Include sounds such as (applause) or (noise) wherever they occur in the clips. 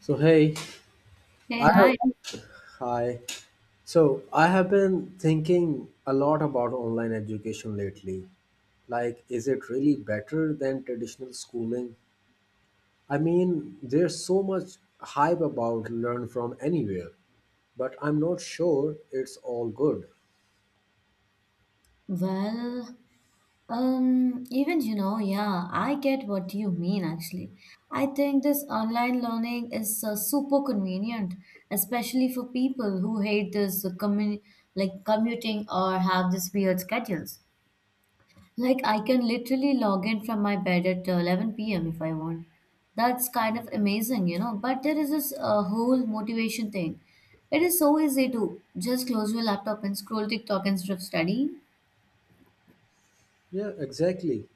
So hey, Hey, I hi. have hi. So I have been thinking a lot about online education lately. Like, is it really better than traditional schooling? I mean, there's so much hype about learn from anywhere, but I'm not sure it's all good. Well, yeah, I get what you mean actually. I think this online learning is super convenient, especially for people who hate this commuting or have this weird schedules. Like I can literally log in from my bed at 11 p.m. if I want. That's kind of amazing, But there is this whole motivation thing. It is so easy to just close your laptop and scroll TikTok instead of studying. Yeah, exactly.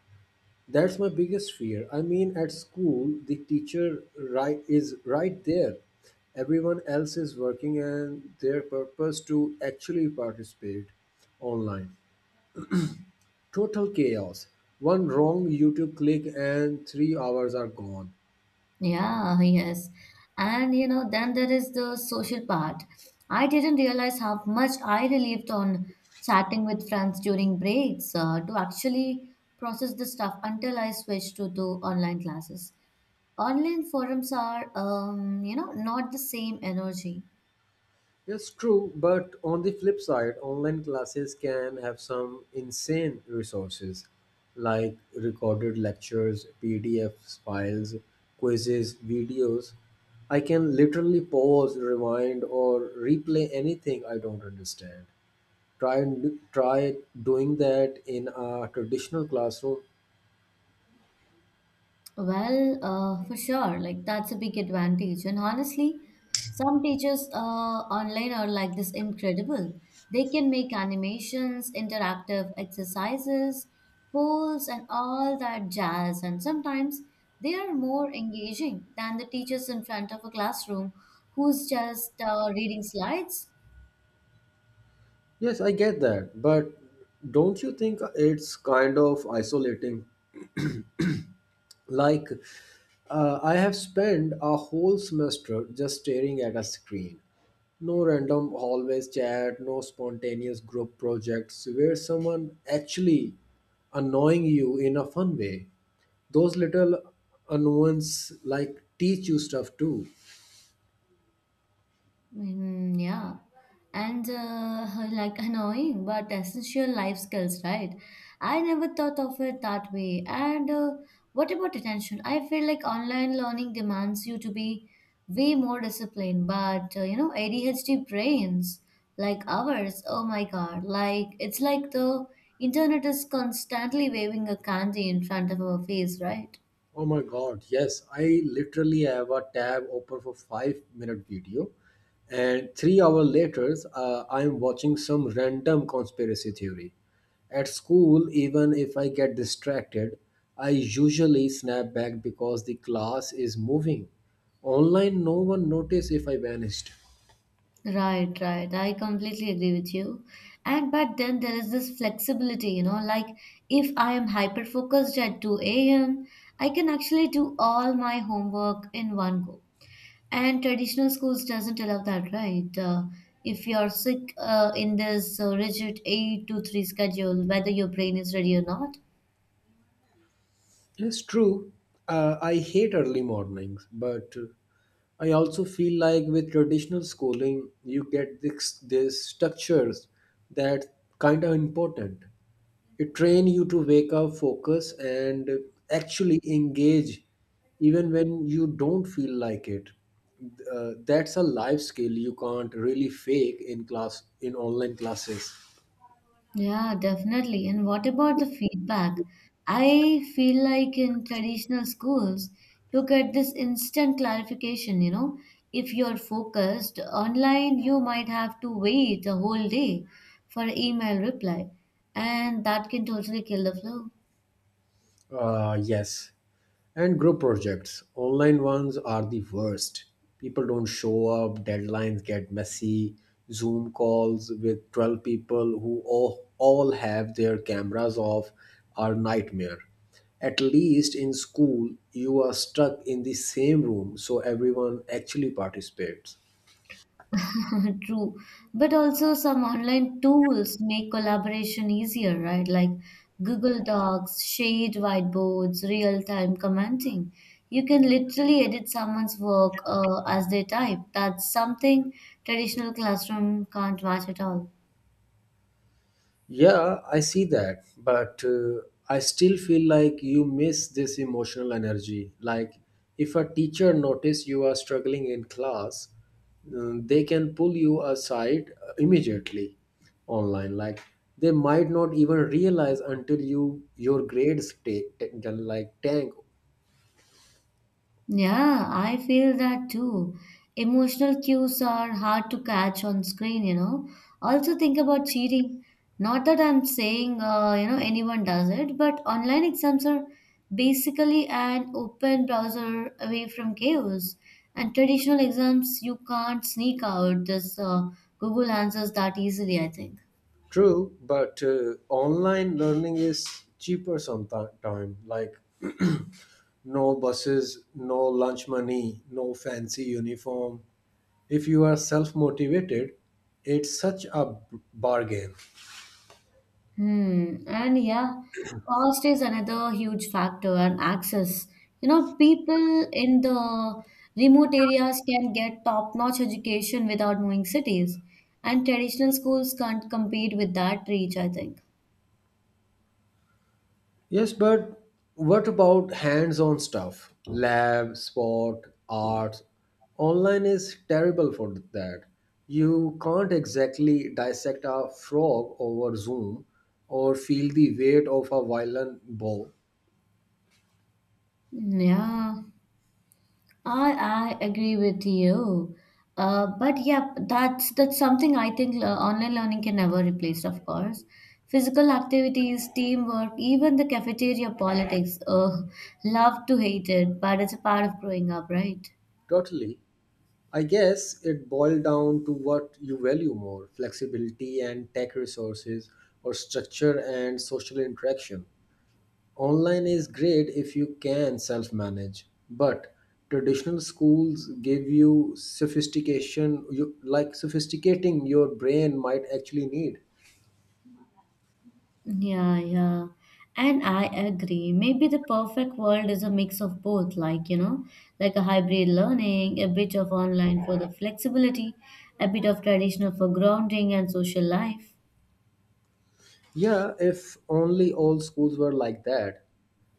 That's my biggest fear. I mean, at school, the teacher is right there. Everyone else is working and their purpose to actually participate online. Total chaos. One wrong YouTube click and 3 hours are gone. Yeah, yes. And you know, then there is the social part. I didn't realize how much I relieved on chatting with friends during breaks to actually process the stuff until I switched to online classes. Online forums are, not the same energy. Yes, true, but on the flip side, online classes can have some insane resources like recorded lectures, PDF files, quizzes, videos. I can literally pause, rewind, or replay anything I don't understand. Try and try doing that in a traditional classroom. Well, for sure, like that's a big advantage. And honestly, some teachers online are like this incredible. They can make animations, interactive exercises, polls, and all that jazz. And sometimes they are more engaging than the teachers in front of a classroom who's just reading slides. Yes, I get that, but don't you think it's kind of isolating? Like, I have spent a whole semester just staring at a screen. No random hallways chat, no spontaneous group projects where someone actually annoying you in a fun way. Those little annoyances like teach you stuff too. Mm, yeah, and like annoying but essential life skills, right? I never thought of it that way. And what about attention? I feel like online learning demands you to be way more disciplined, but you know, ADHD brains like ours, oh my God, like it's like the internet is constantly waving a candy in front of our face, right? Oh my god, yes. I literally have a tab open for 5 minute video and 3 hours later I am watching some random conspiracy theory. At school, even if I get distracted, I usually snap back because the class is moving. Online, no one noticed if I vanished. Right, right. I completely agree with you. And but then there is this flexibility, you know, like if I am hyper focused at 2 a.m., I can actually do all my homework in one go. And traditional schools doesn't allow that, right? If you're sick in this rigid 8 to 3 schedule, whether your brain is ready or not, It's true. I hate early mornings, but I also feel like with traditional schooling, you get this structures that kind of important. It train you to wake up, focus, and actually engage, even when you don't feel like it. That's a life skill you can't really fake in class in online classes. yeah, definitely. And what about the feedback? I feel like in traditional schools, you get this instant clarification, you know. If you're focused online, you might have to wait a whole day for email reply, and that can totally kill the flow. Yes. And group projects. Online ones are the worst. People don't show up, deadlines get messy, Zoom calls with 12 people who all have their cameras off are nightmare. At least in school, you are stuck in the same room so everyone actually participates. (laughs) True. But also some online tools make collaboration easier, right? Like Google Docs, shared whiteboards, real-time commenting. You can literally edit someone's work as they type. That's something traditional classroom can't match at all. Yeah, I see that, but I still feel like you miss this emotional energy. Like, if a teacher notice you are struggling in class, they can pull you aside immediately online. Like, they might not even realize until your grades take like tank. Yeah, I feel that too. Emotional cues are hard to catch on screen, you know. Also, think about cheating. Not that I'm saying, anyone does it, but online exams are basically an open browser away from chaos. And traditional exams, you can't sneak out this Google answers that easily, I think. True, but online learning is cheaper sometimes. Like (clears throat) no buses, no lunch money, no fancy uniform. If you are self motivated, it's such a bargain. Hmm. And yeah, cost is another huge factor and access. You know, people in the remote areas can get top-notch education without moving cities, and traditional schools can't compete with that reach, I think. Yes, but what about hands-on stuff? Lab, sport, art. Online is terrible for that. You can't exactly dissect a frog over Zoom or feel the weight of a violin bow. Hmm, yeah. I, I agree with you. But yeah, that's something I think online learning can never replace, of course. Physical activities, teamwork, even the cafeteria politics. Love to hate it, but it's a part of growing up, right? Totally. I guess it boiled down to what you value more, flexibility and tech resources or structure and social interaction. Online is great if you can self manage, but traditional schools give you sophistication, like sophisticating your brain might actually need. Yeah, yeah. And I agree. Maybe the perfect world is a mix of both, like, you know, like a hybrid learning, a bit of online for the flexibility, a bit of traditional for grounding and social life. Yeah, if only all schools were like that.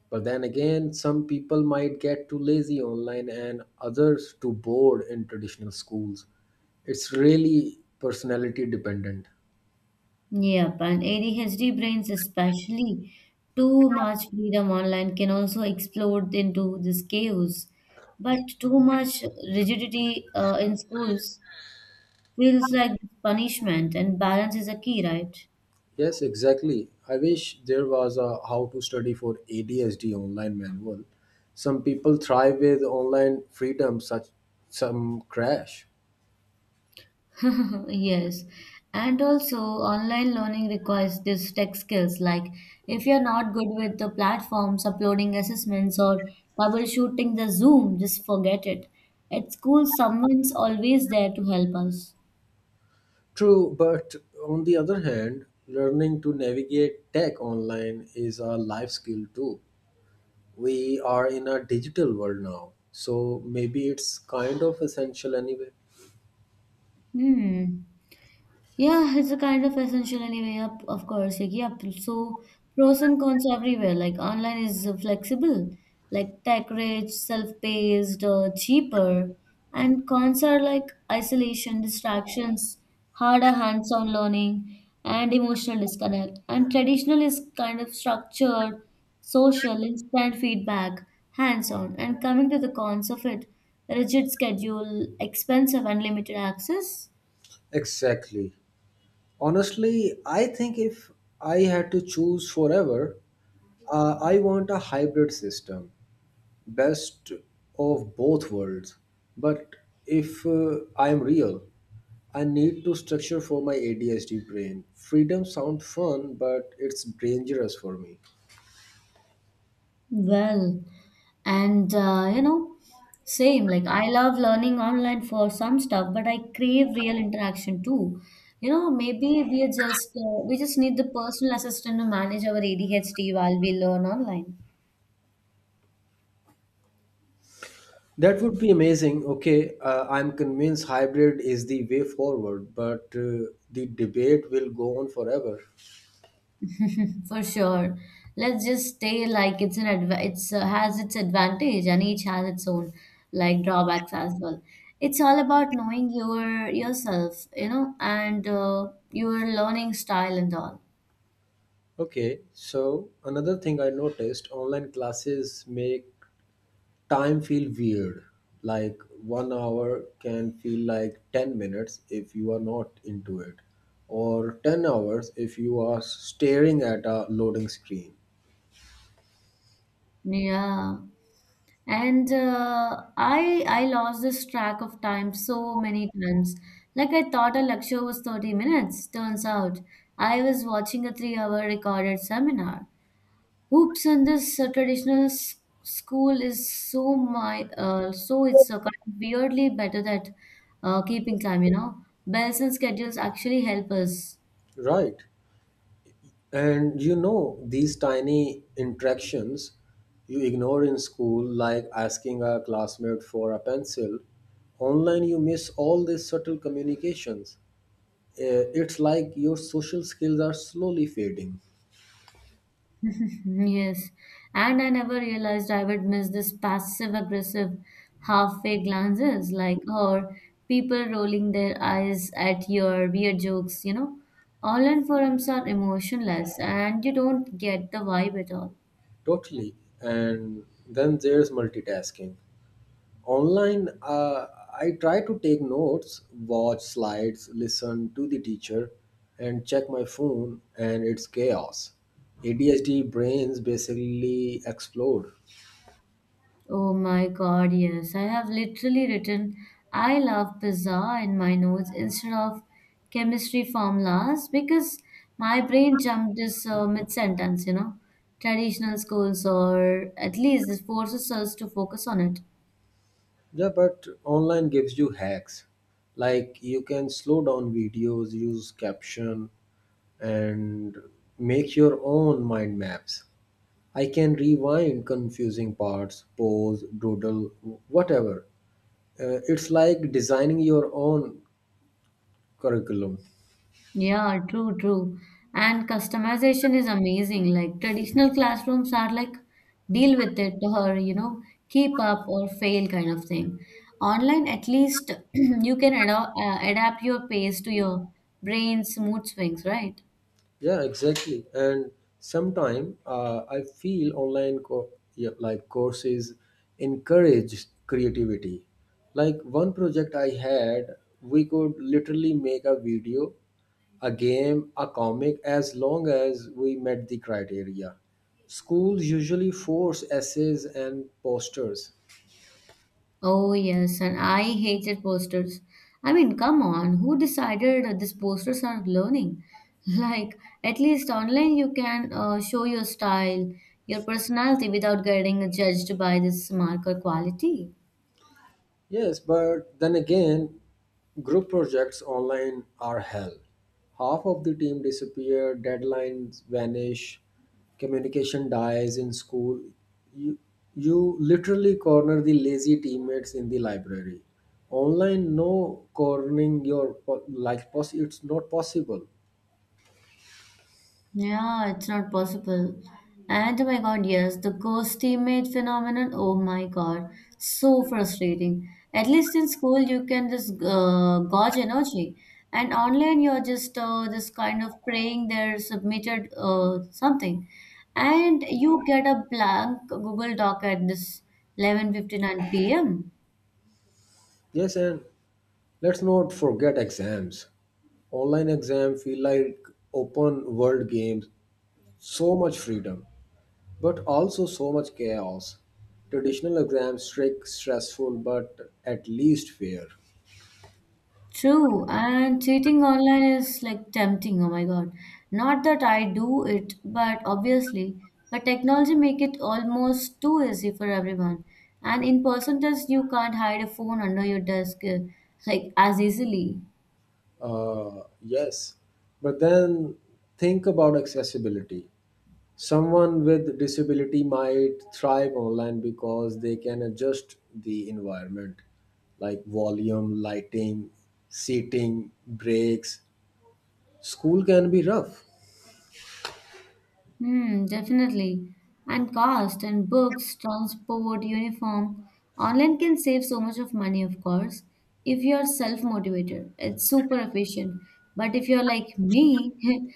But then again, some people might get too lazy online and others too bored in traditional schools. It's really personality dependent. Yep, and ADHD brains, especially too much freedom online, can also explode into this chaos. But too much rigidity in schools feels like punishment, and balance is a key, right? Yes, exactly. I wish there was a how to study for ADSD online manual. Some people thrive with online freedom, such some crash. (laughs) Yes. And also, online learning requires these tech skills. Like, if you're not good with the platforms, uploading assessments, or troubleshooting the Zoom, just forget it. At school, someone's always there to help us. True, but on the other hand, learning to navigate tech online is a life skill too. We are in a digital world now, so maybe it's kind of essential anyway. Hmm. Yeah, it's a kind of essential anyway. Up, of course. Like, yeah. So pros and cons everywhere. Like online is flexible, like tech rich, self-paced, cheaper. And cons are like isolation, distractions, harder hands-on learning, and emotional disconnect. And traditional is kind of structured, social, instant feedback, hands-on. And coming to the cons of it, rigid schedule, expensive and limited access. Exactly. Honestly, I think if I had to choose forever, I want a hybrid system best of both worlds. But if I am real, I need to structure for my ADHD brain. Freedom sounds fun, but it's dangerous for me. Well, and uh, you know, same. Like, I love learning online for some stuff, but I crave real interaction too. You know, maybe we just need the personal assistant to manage our ADHD while we learn online. That would be amazing. Okay, I'm convinced hybrid is the way forward, but the debate will go on forever. For sure. Let's just stay like it's has its advantage and each has its own like drawbacks as well. It's all about knowing yourself, you know, and your learning style and all. Okay, so another thing I noticed online classes make time feel weird, like 1 hour can feel like 10 minutes if you are not into it, or 10 hours if you are staring at a loading screen. Yeah. And I lost this track of time so many times. Like I thought a lecture was 30 minutes. Turns out I was watching a three-hour recorded seminar. Oops, and this traditional s school is so it's kind of weirdly better that keeping time, you know. Bells and schedules actually help us. Right. And you know these tiny interactions you ignore in school, like asking a classmate for a pencil. Online you miss all these subtle communications. Eh, it's like your social skills are slowly fading. (laughs) Yes, and I never realized I would miss this passive aggressive halfway glances, or people rolling their eyes at your weird jokes, you know. Online forums are emotionless and you don't get the vibe at all. Totally. And then there's multitasking. Online, I try to take notes, watch slides, listen to the teacher, and check my phone, and it's chaos. ADHD brains basically explode. Oh my God, yes. I have literally written I love pizza in my notes instead of chemistry formulas because my brain jumped this mid sentence, you know. Traditional schools, or at least this forces us to focus on it. Yeah, but online gives you hacks. Like you can slow down videos, use caption, and make your own mind maps. I can rewind confusing parts, pause, doodle, whatever. It's like designing your own curriculum. Yeah, true, true. And customization is amazing. Like traditional classrooms are like deal with it or you know, keep up or fail kind of thing. Online, at least (clears throat) you can adapt your pace to your brain's mood swings, right? Yeah, exactly. And sometime I feel online like courses encourage creativity. Like one project I had, we could literally make a video, a game, a comic as long as we met the criteria. Schools usually force essays and posters. Oh, yes, and I hated posters. I mean, come on, who decided that these posters are learning? (laughs) Like, at least online you can show your style, your personality without getting judged by this marker quality. Yes, but then again, group projects online are hell. Half of the team disappear, deadlines vanish, communication dies in school. You, you literally corner the lazy teammates in the library. Online, no cornering your po- like poss- it's not possible. Yeah, it's not possible. And oh my god, yes, the ghost teammate phenomenon. Oh my god, so frustrating. At least in school, you can just gauge energy, and online, you're just this kind of praying they're submitted something, and you get a blank Google Doc at this 11:59 p.m. Yes, and let's not forget exams. Online exam feel like open world games. So much freedom, but also so much chaos. Traditional exams, strict, stressful, but at least fair. True, and cheating online is like tempting. Oh my god. Not that I do it, but obviously, but technology make it almost too easy for everyone. And in person test, you can't hide a phone under your desk like as easily. Yes, but then think about accessibility. Someone with disability might thrive online because they can adjust the environment, like volume, lighting, seating, breaks. School can be rough. Hmm, definitely. And cost and books, transport, uniform. Online can save so much of money, of course, if you're self-motivated. It's super efficient. But if you're like me,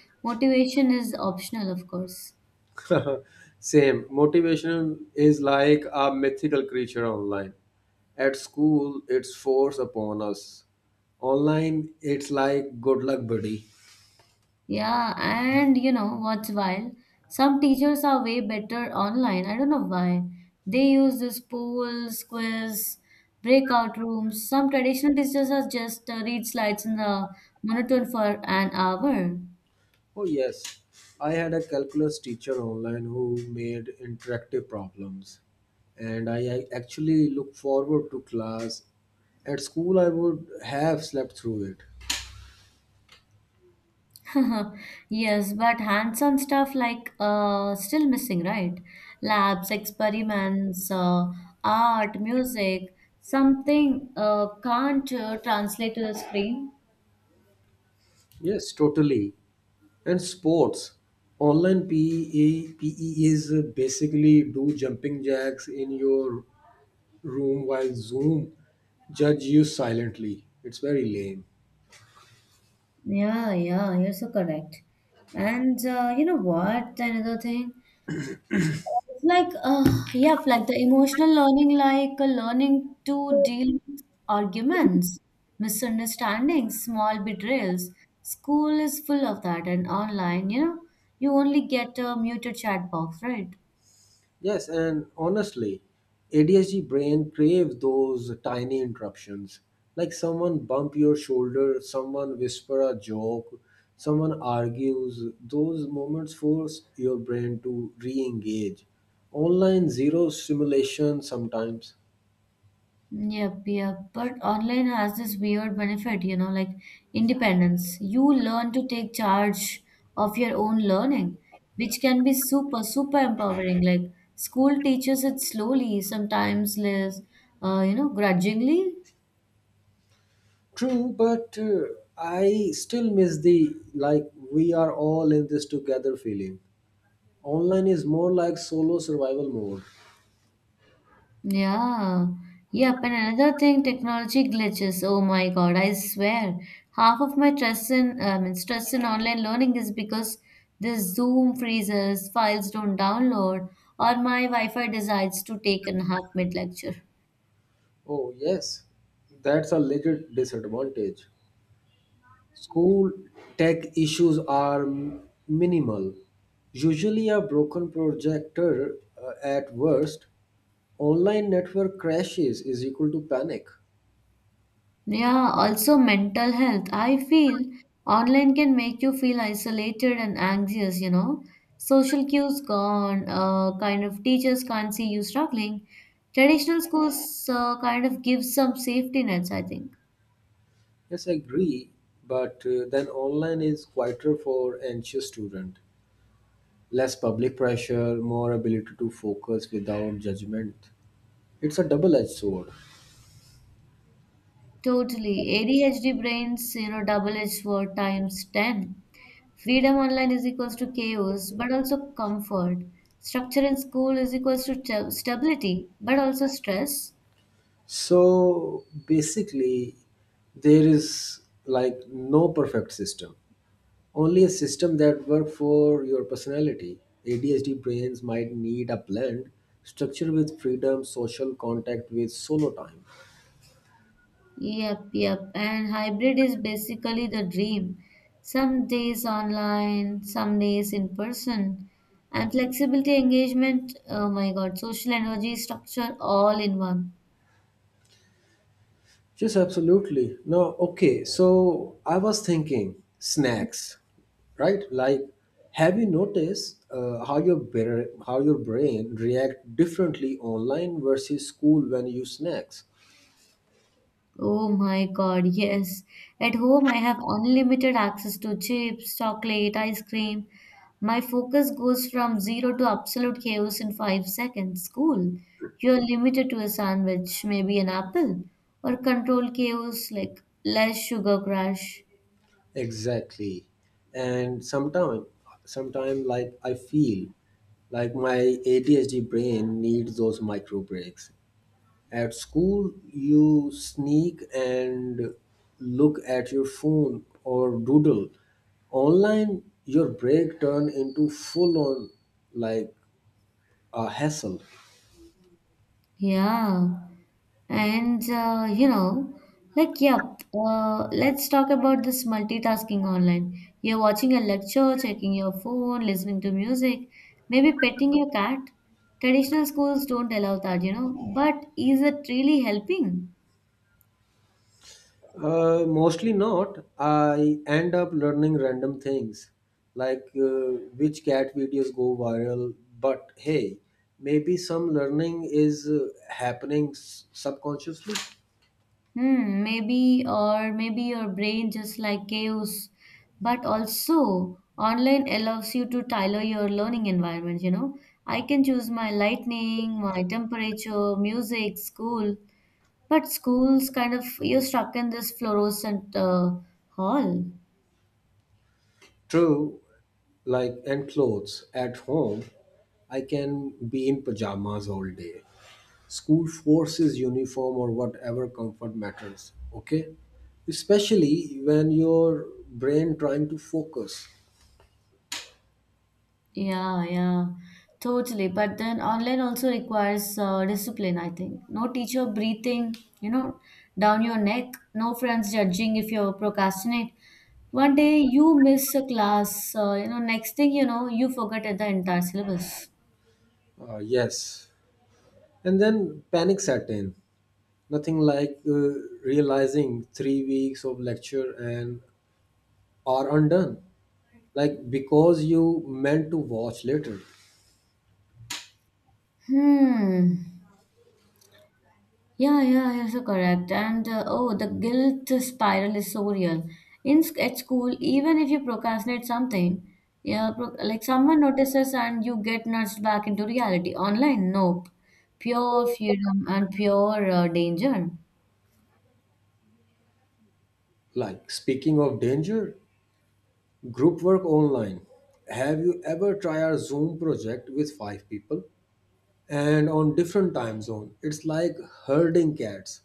(laughs) motivation is optional, of course. (laughs) Same. Motivation is like a mythical creature online. At school, it's forced upon us. Online, it's like good luck, buddy. Yeah, and you know what's wild? Some teachers are way better online. I don't know why. They use this polls, quiz, breakout rooms. Some traditional teachers are just read slides in the monotone for an hour. Oh, yes. I had a calculus teacher online who made interactive problems, and I actually look forward to class. At school, I would have slept through it. (laughs) Yes, but hands-on stuff like still missing, right? Labs, experiments, art, music, something can't translate to the screen. Yes, totally. And sports, online PE is basically do jumping jacks in your room while Zoom judge you silently. It's very lame. Yeah, yeah, you're so correct. And you know what? Another thing, it's like, yeah, like the emotional learning, like learning to deal with arguments, misunderstandings, small betrayals. School is full of that, and online, you know, you only get a muted chat box, right? Yes, and honestly, ADHD brain craves those tiny interruptions. Like someone bump your shoulder, someone whisper a joke, someone argues. Those moments force your brain to re-engage. Online zero simulation sometimes. Yep, yep. But online has this weird benefit, you know, like independence. You learn to take charge of your own learning, which can be super, super empowering. Like school teaches it slowly, sometimes less, grudgingly. True, but I still miss the like we are all in this together feeling. Online is more like solo survival mode. Yeah, yep. And another thing, technology glitches. Oh my God, I swear. Half of my stress in online learning is because this Zoom freezes, files don't download, or my Wi-Fi decides to take a half mid lecture. Oh, yes, that's a legit disadvantage. School tech issues are minimal, usually, a broken projector at worst. Online network crashes is equal to panic. Yeah, also mental health. I feel online can make you feel isolated and anxious, you know. Social cues gone, kind of teachers can't see you struggling. Traditional schools kind of give some safety nets, I think. Yes, I agree, but then online is quieter for anxious student, less public pressure, more ability to focus without judgment. It's a double edged sword. Totally. ADHD brains, you know, double-edged sword times 10. Freedom online is equals to chaos, but also comfort. Structure in school is equals to stability, but also stress. So basically, there is like no perfect system, only a system that works for your personality. ADHD brains might need a blend structure with freedom, social contact with solo time. Yep, yep. And hybrid is basically the dream. Some days online, some days in person. And flexibility, engagement, oh my God, social energy structure all in one. Yes, absolutely. No, okay. So I was thinking snacks, right? Like, have you noticed how how your brain react differently online versus school when you snacks? Oh my God, yes. At home, I have unlimited access to chips, chocolate, ice cream. My focus goes from zero to absolute chaos in 5 seconds. School, you're limited to a sandwich, maybe an apple, or control chaos like less sugar crash. Exactly. And sometime like I feel like my ADHD brain needs those micro breaks. At school, you sneak and look at your phone or doodle. Online, your break turn into full on like a hassle. Yeah. And let's talk about this multitasking online. You're watching a lecture, checking your phone, listening to music, maybe petting your cat. Traditional schools don't allow that, you know. But is it really helping? Mostly not. I end up learning random things like which cat videos go viral. But hey, maybe some learning is happening subconsciously. Hmm, maybe, or maybe your brain just like chaos. But also, online allows you to tailor your learning environment, you know. I can choose my lightning, my temperature, music, school. But schools kind of you're stuck in this fluorescent hall. True, like and clothes. At home, I can be in pajamas all day. School forces uniform or whatever comfort matters. Okay, especially when your brain trying to focus. Yeah, yeah, totally. But then online also requires discipline, I think. No teacher breathing, you know, down your neck. No friends judging if you procrastinate. One day you miss a class, next thing you know, you forget the entire syllabus. Yes, and then panic set in. Nothing like realizing 3 weeks of lecture and are undone. Like because you meant to watch later. Hmm. Yeah, yeah, you're so correct. And oh, the guilt spiral is so real. At school, even if you procrastinate something, yeah, like someone notices and you get nudged back into reality. Online, nope. Pure freedom and pure danger. Like speaking of danger, group work online. Have you ever tried our Zoom project with five people and on different time zone? It's like herding cats.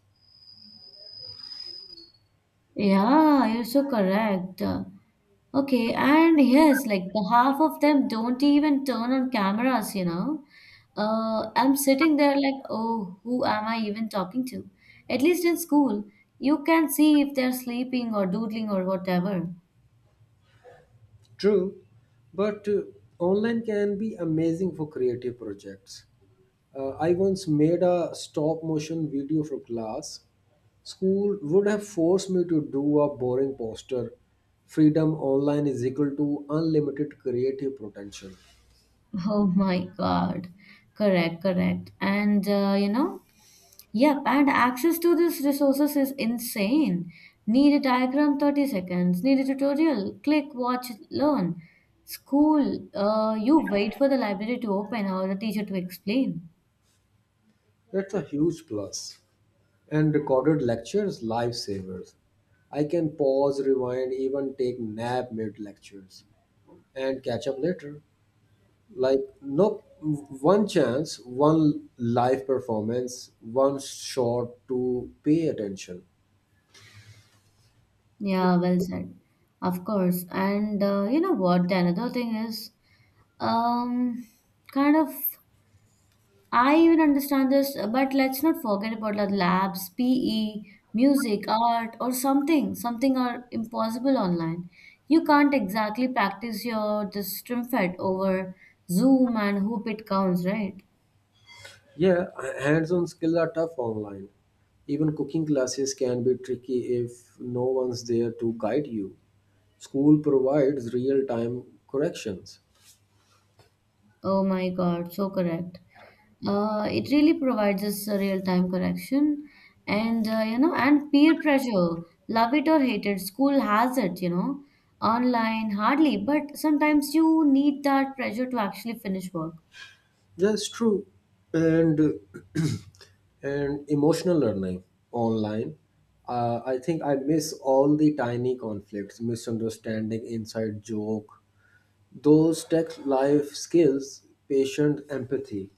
Yeah, you're so correct. Okay, and yes, like the half of them don't even turn on cameras, you know. I'm sitting there like, oh, who am I even talking to? At least in school, you can see if they're sleeping or doodling or whatever. (laughs) True, but online can be amazing for creative projects. I once made a stop motion video for class. School would have forced me to do a boring poster. Freedom online is equal to unlimited creative potential. Oh my God. Correct, correct. Yep, and access to these resources is insane. Need a diagram 30 seconds, need a tutorial, click, watch, learn. School, you wait for the library to open or the teacher to explain. That's a huge plus, and recorded lectures lifesavers. I can pause, rewind, even take nap mid lectures and catch up later. Like no one chance, one live performance, one shot to pay attention. Yeah, well said. Of course. And you know what? The another thing is um, kind of. I even understand this, but let's not forget about the labs, PE, music, art, or something. Something are impossible online. You can't exactly practice your this strumpet over Zoom and hope it counts, right? Yeah, hands-on skills are tough online. Even cooking classes can be tricky if no one's there to guide you. School provides real-time corrections. Oh my God, so correct. It really provides us a real-time correction, and you know, and peer pressure. Love it or hate it, school has it. You know, online hardly, but sometimes you need that pressure to actually finish work. That's true. And (clears throat) and emotional learning online. I think I miss all the tiny conflicts, misunderstanding, inside joke. Those tech life skills, patient empathy.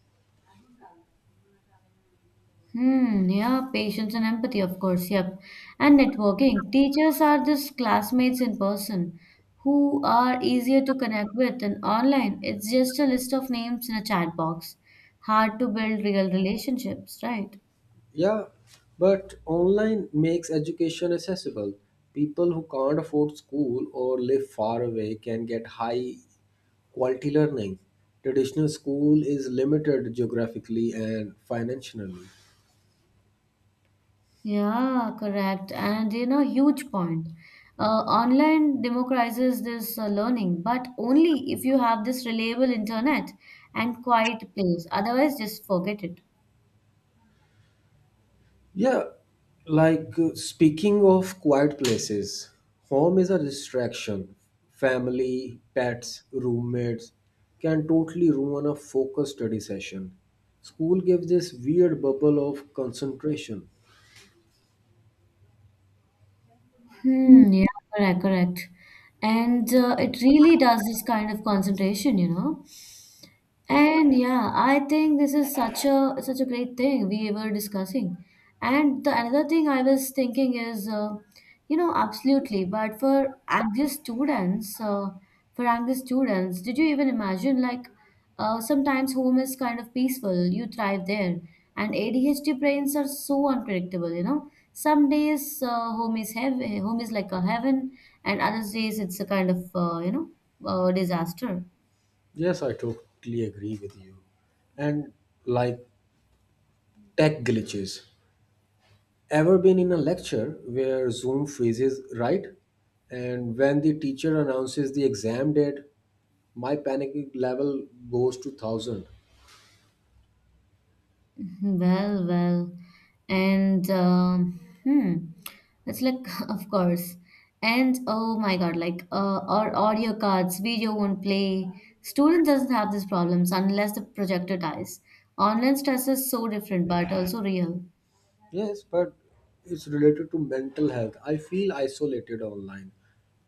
Hmm, yeah, patience and empathy, of course, yep. And networking. Teachers are just classmates in person who are easier to connect with, and online, it's just a list of names in a chat box. Hard to build real relationships, right? Yeah, but online makes education accessible. People who can't afford school or live far away can get high quality learning. Traditional school is limited geographically and financially. Yeah, correct. And you know, huge point. Online democratizes this learning, but only if you have this reliable internet and quiet place. Otherwise, just forget it. Yeah, like speaking of quiet places, home is a distraction. Family, pets, roommates can totally ruin a focused study session. School gives this weird bubble of concentration. Hmm, yeah, correct, correct. And it really does this kind of concentration, you know. And yeah, I think this is such a such a great thing we were discussing. And the another thing I was thinking is, absolutely. But for Angus students, For Angus students, did you even imagine like sometimes home is kind of peaceful, you thrive there, and ADHD brains are so unpredictable. You know, some days home is heaven, home is like a heaven, and other days it's a kind of disaster. Yes, I totally agree with you. And like tech glitches. Ever been in a lecture where Zoom freezes, right? And when the teacher announces the exam date, my panic level goes to 1,000. Well, well, and hmm, it's like (laughs) of course, and oh my God, like or audio cards, video won't play. Student doesn't have these problems unless the projector dies. Online stress is so different, but also real. Yes, but it's related to mental health. I feel isolated online.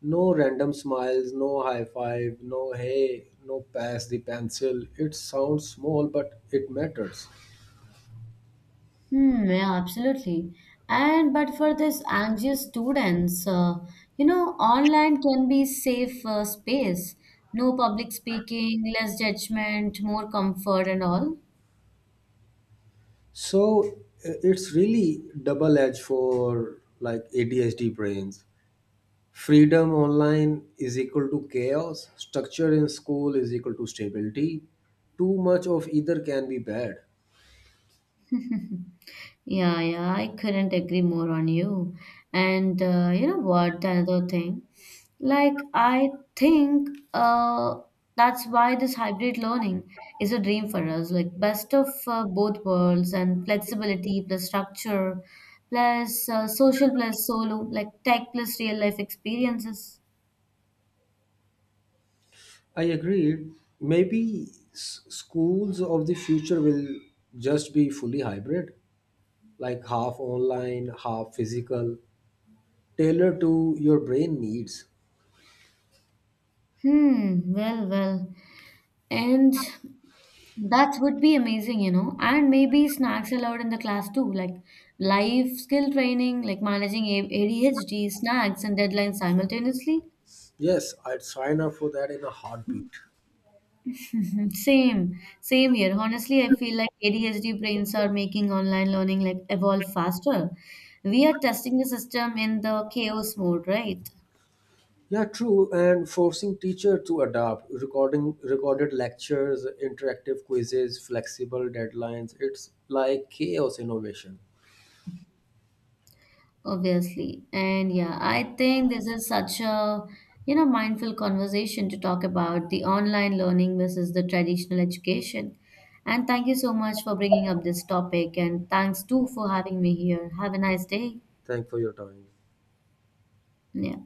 No random smiles, no high five, no hey, no pass the pencil. It sounds small, but it matters. Hmm, yeah, absolutely. And but for this anxious students, you know, online can be safe space. No public speaking, less judgment, more comfort, and all. So it's really double edged for like ADHD brains. Freedom online is equal to chaos. Structure in school is equal to stability. Too much of either can be bad. Yeah, yeah, I couldn't agree more on you. And you know what? Another thing, like I think uh, that's why this hybrid learning is a dream for us. Like best of both worlds and flexibility plus structure plus social plus solo, like tech plus real life experiences. I agree. Maybe schools of the future will just be fully hybrid, like half online, half physical, tailored to your brain needs. Hmm. Well, well, and. That would be amazing, you know. And maybe snacks allowed in the class too, like life skill training, like managing ADHD, snacks, and deadlines simultaneously. Yes, I'd sign up for that in a heartbeat. Mhm. Same here. Honestly, I feel like ADHD brains are making online learning like evolve faster. We are testing the system in the chaos mode, right? Yeah, true. And forcing teacher to adapt, recording recorded lectures, interactive quizzes, flexible deadlines. It's like chaos innovation. Obviously. And yeah, I think this is such a, you know, mindful conversation to talk about the online learning versus the traditional education. And thank you so much for bringing up this topic. And thanks too for having me here. Have a nice day. Thank for your time. Yeah.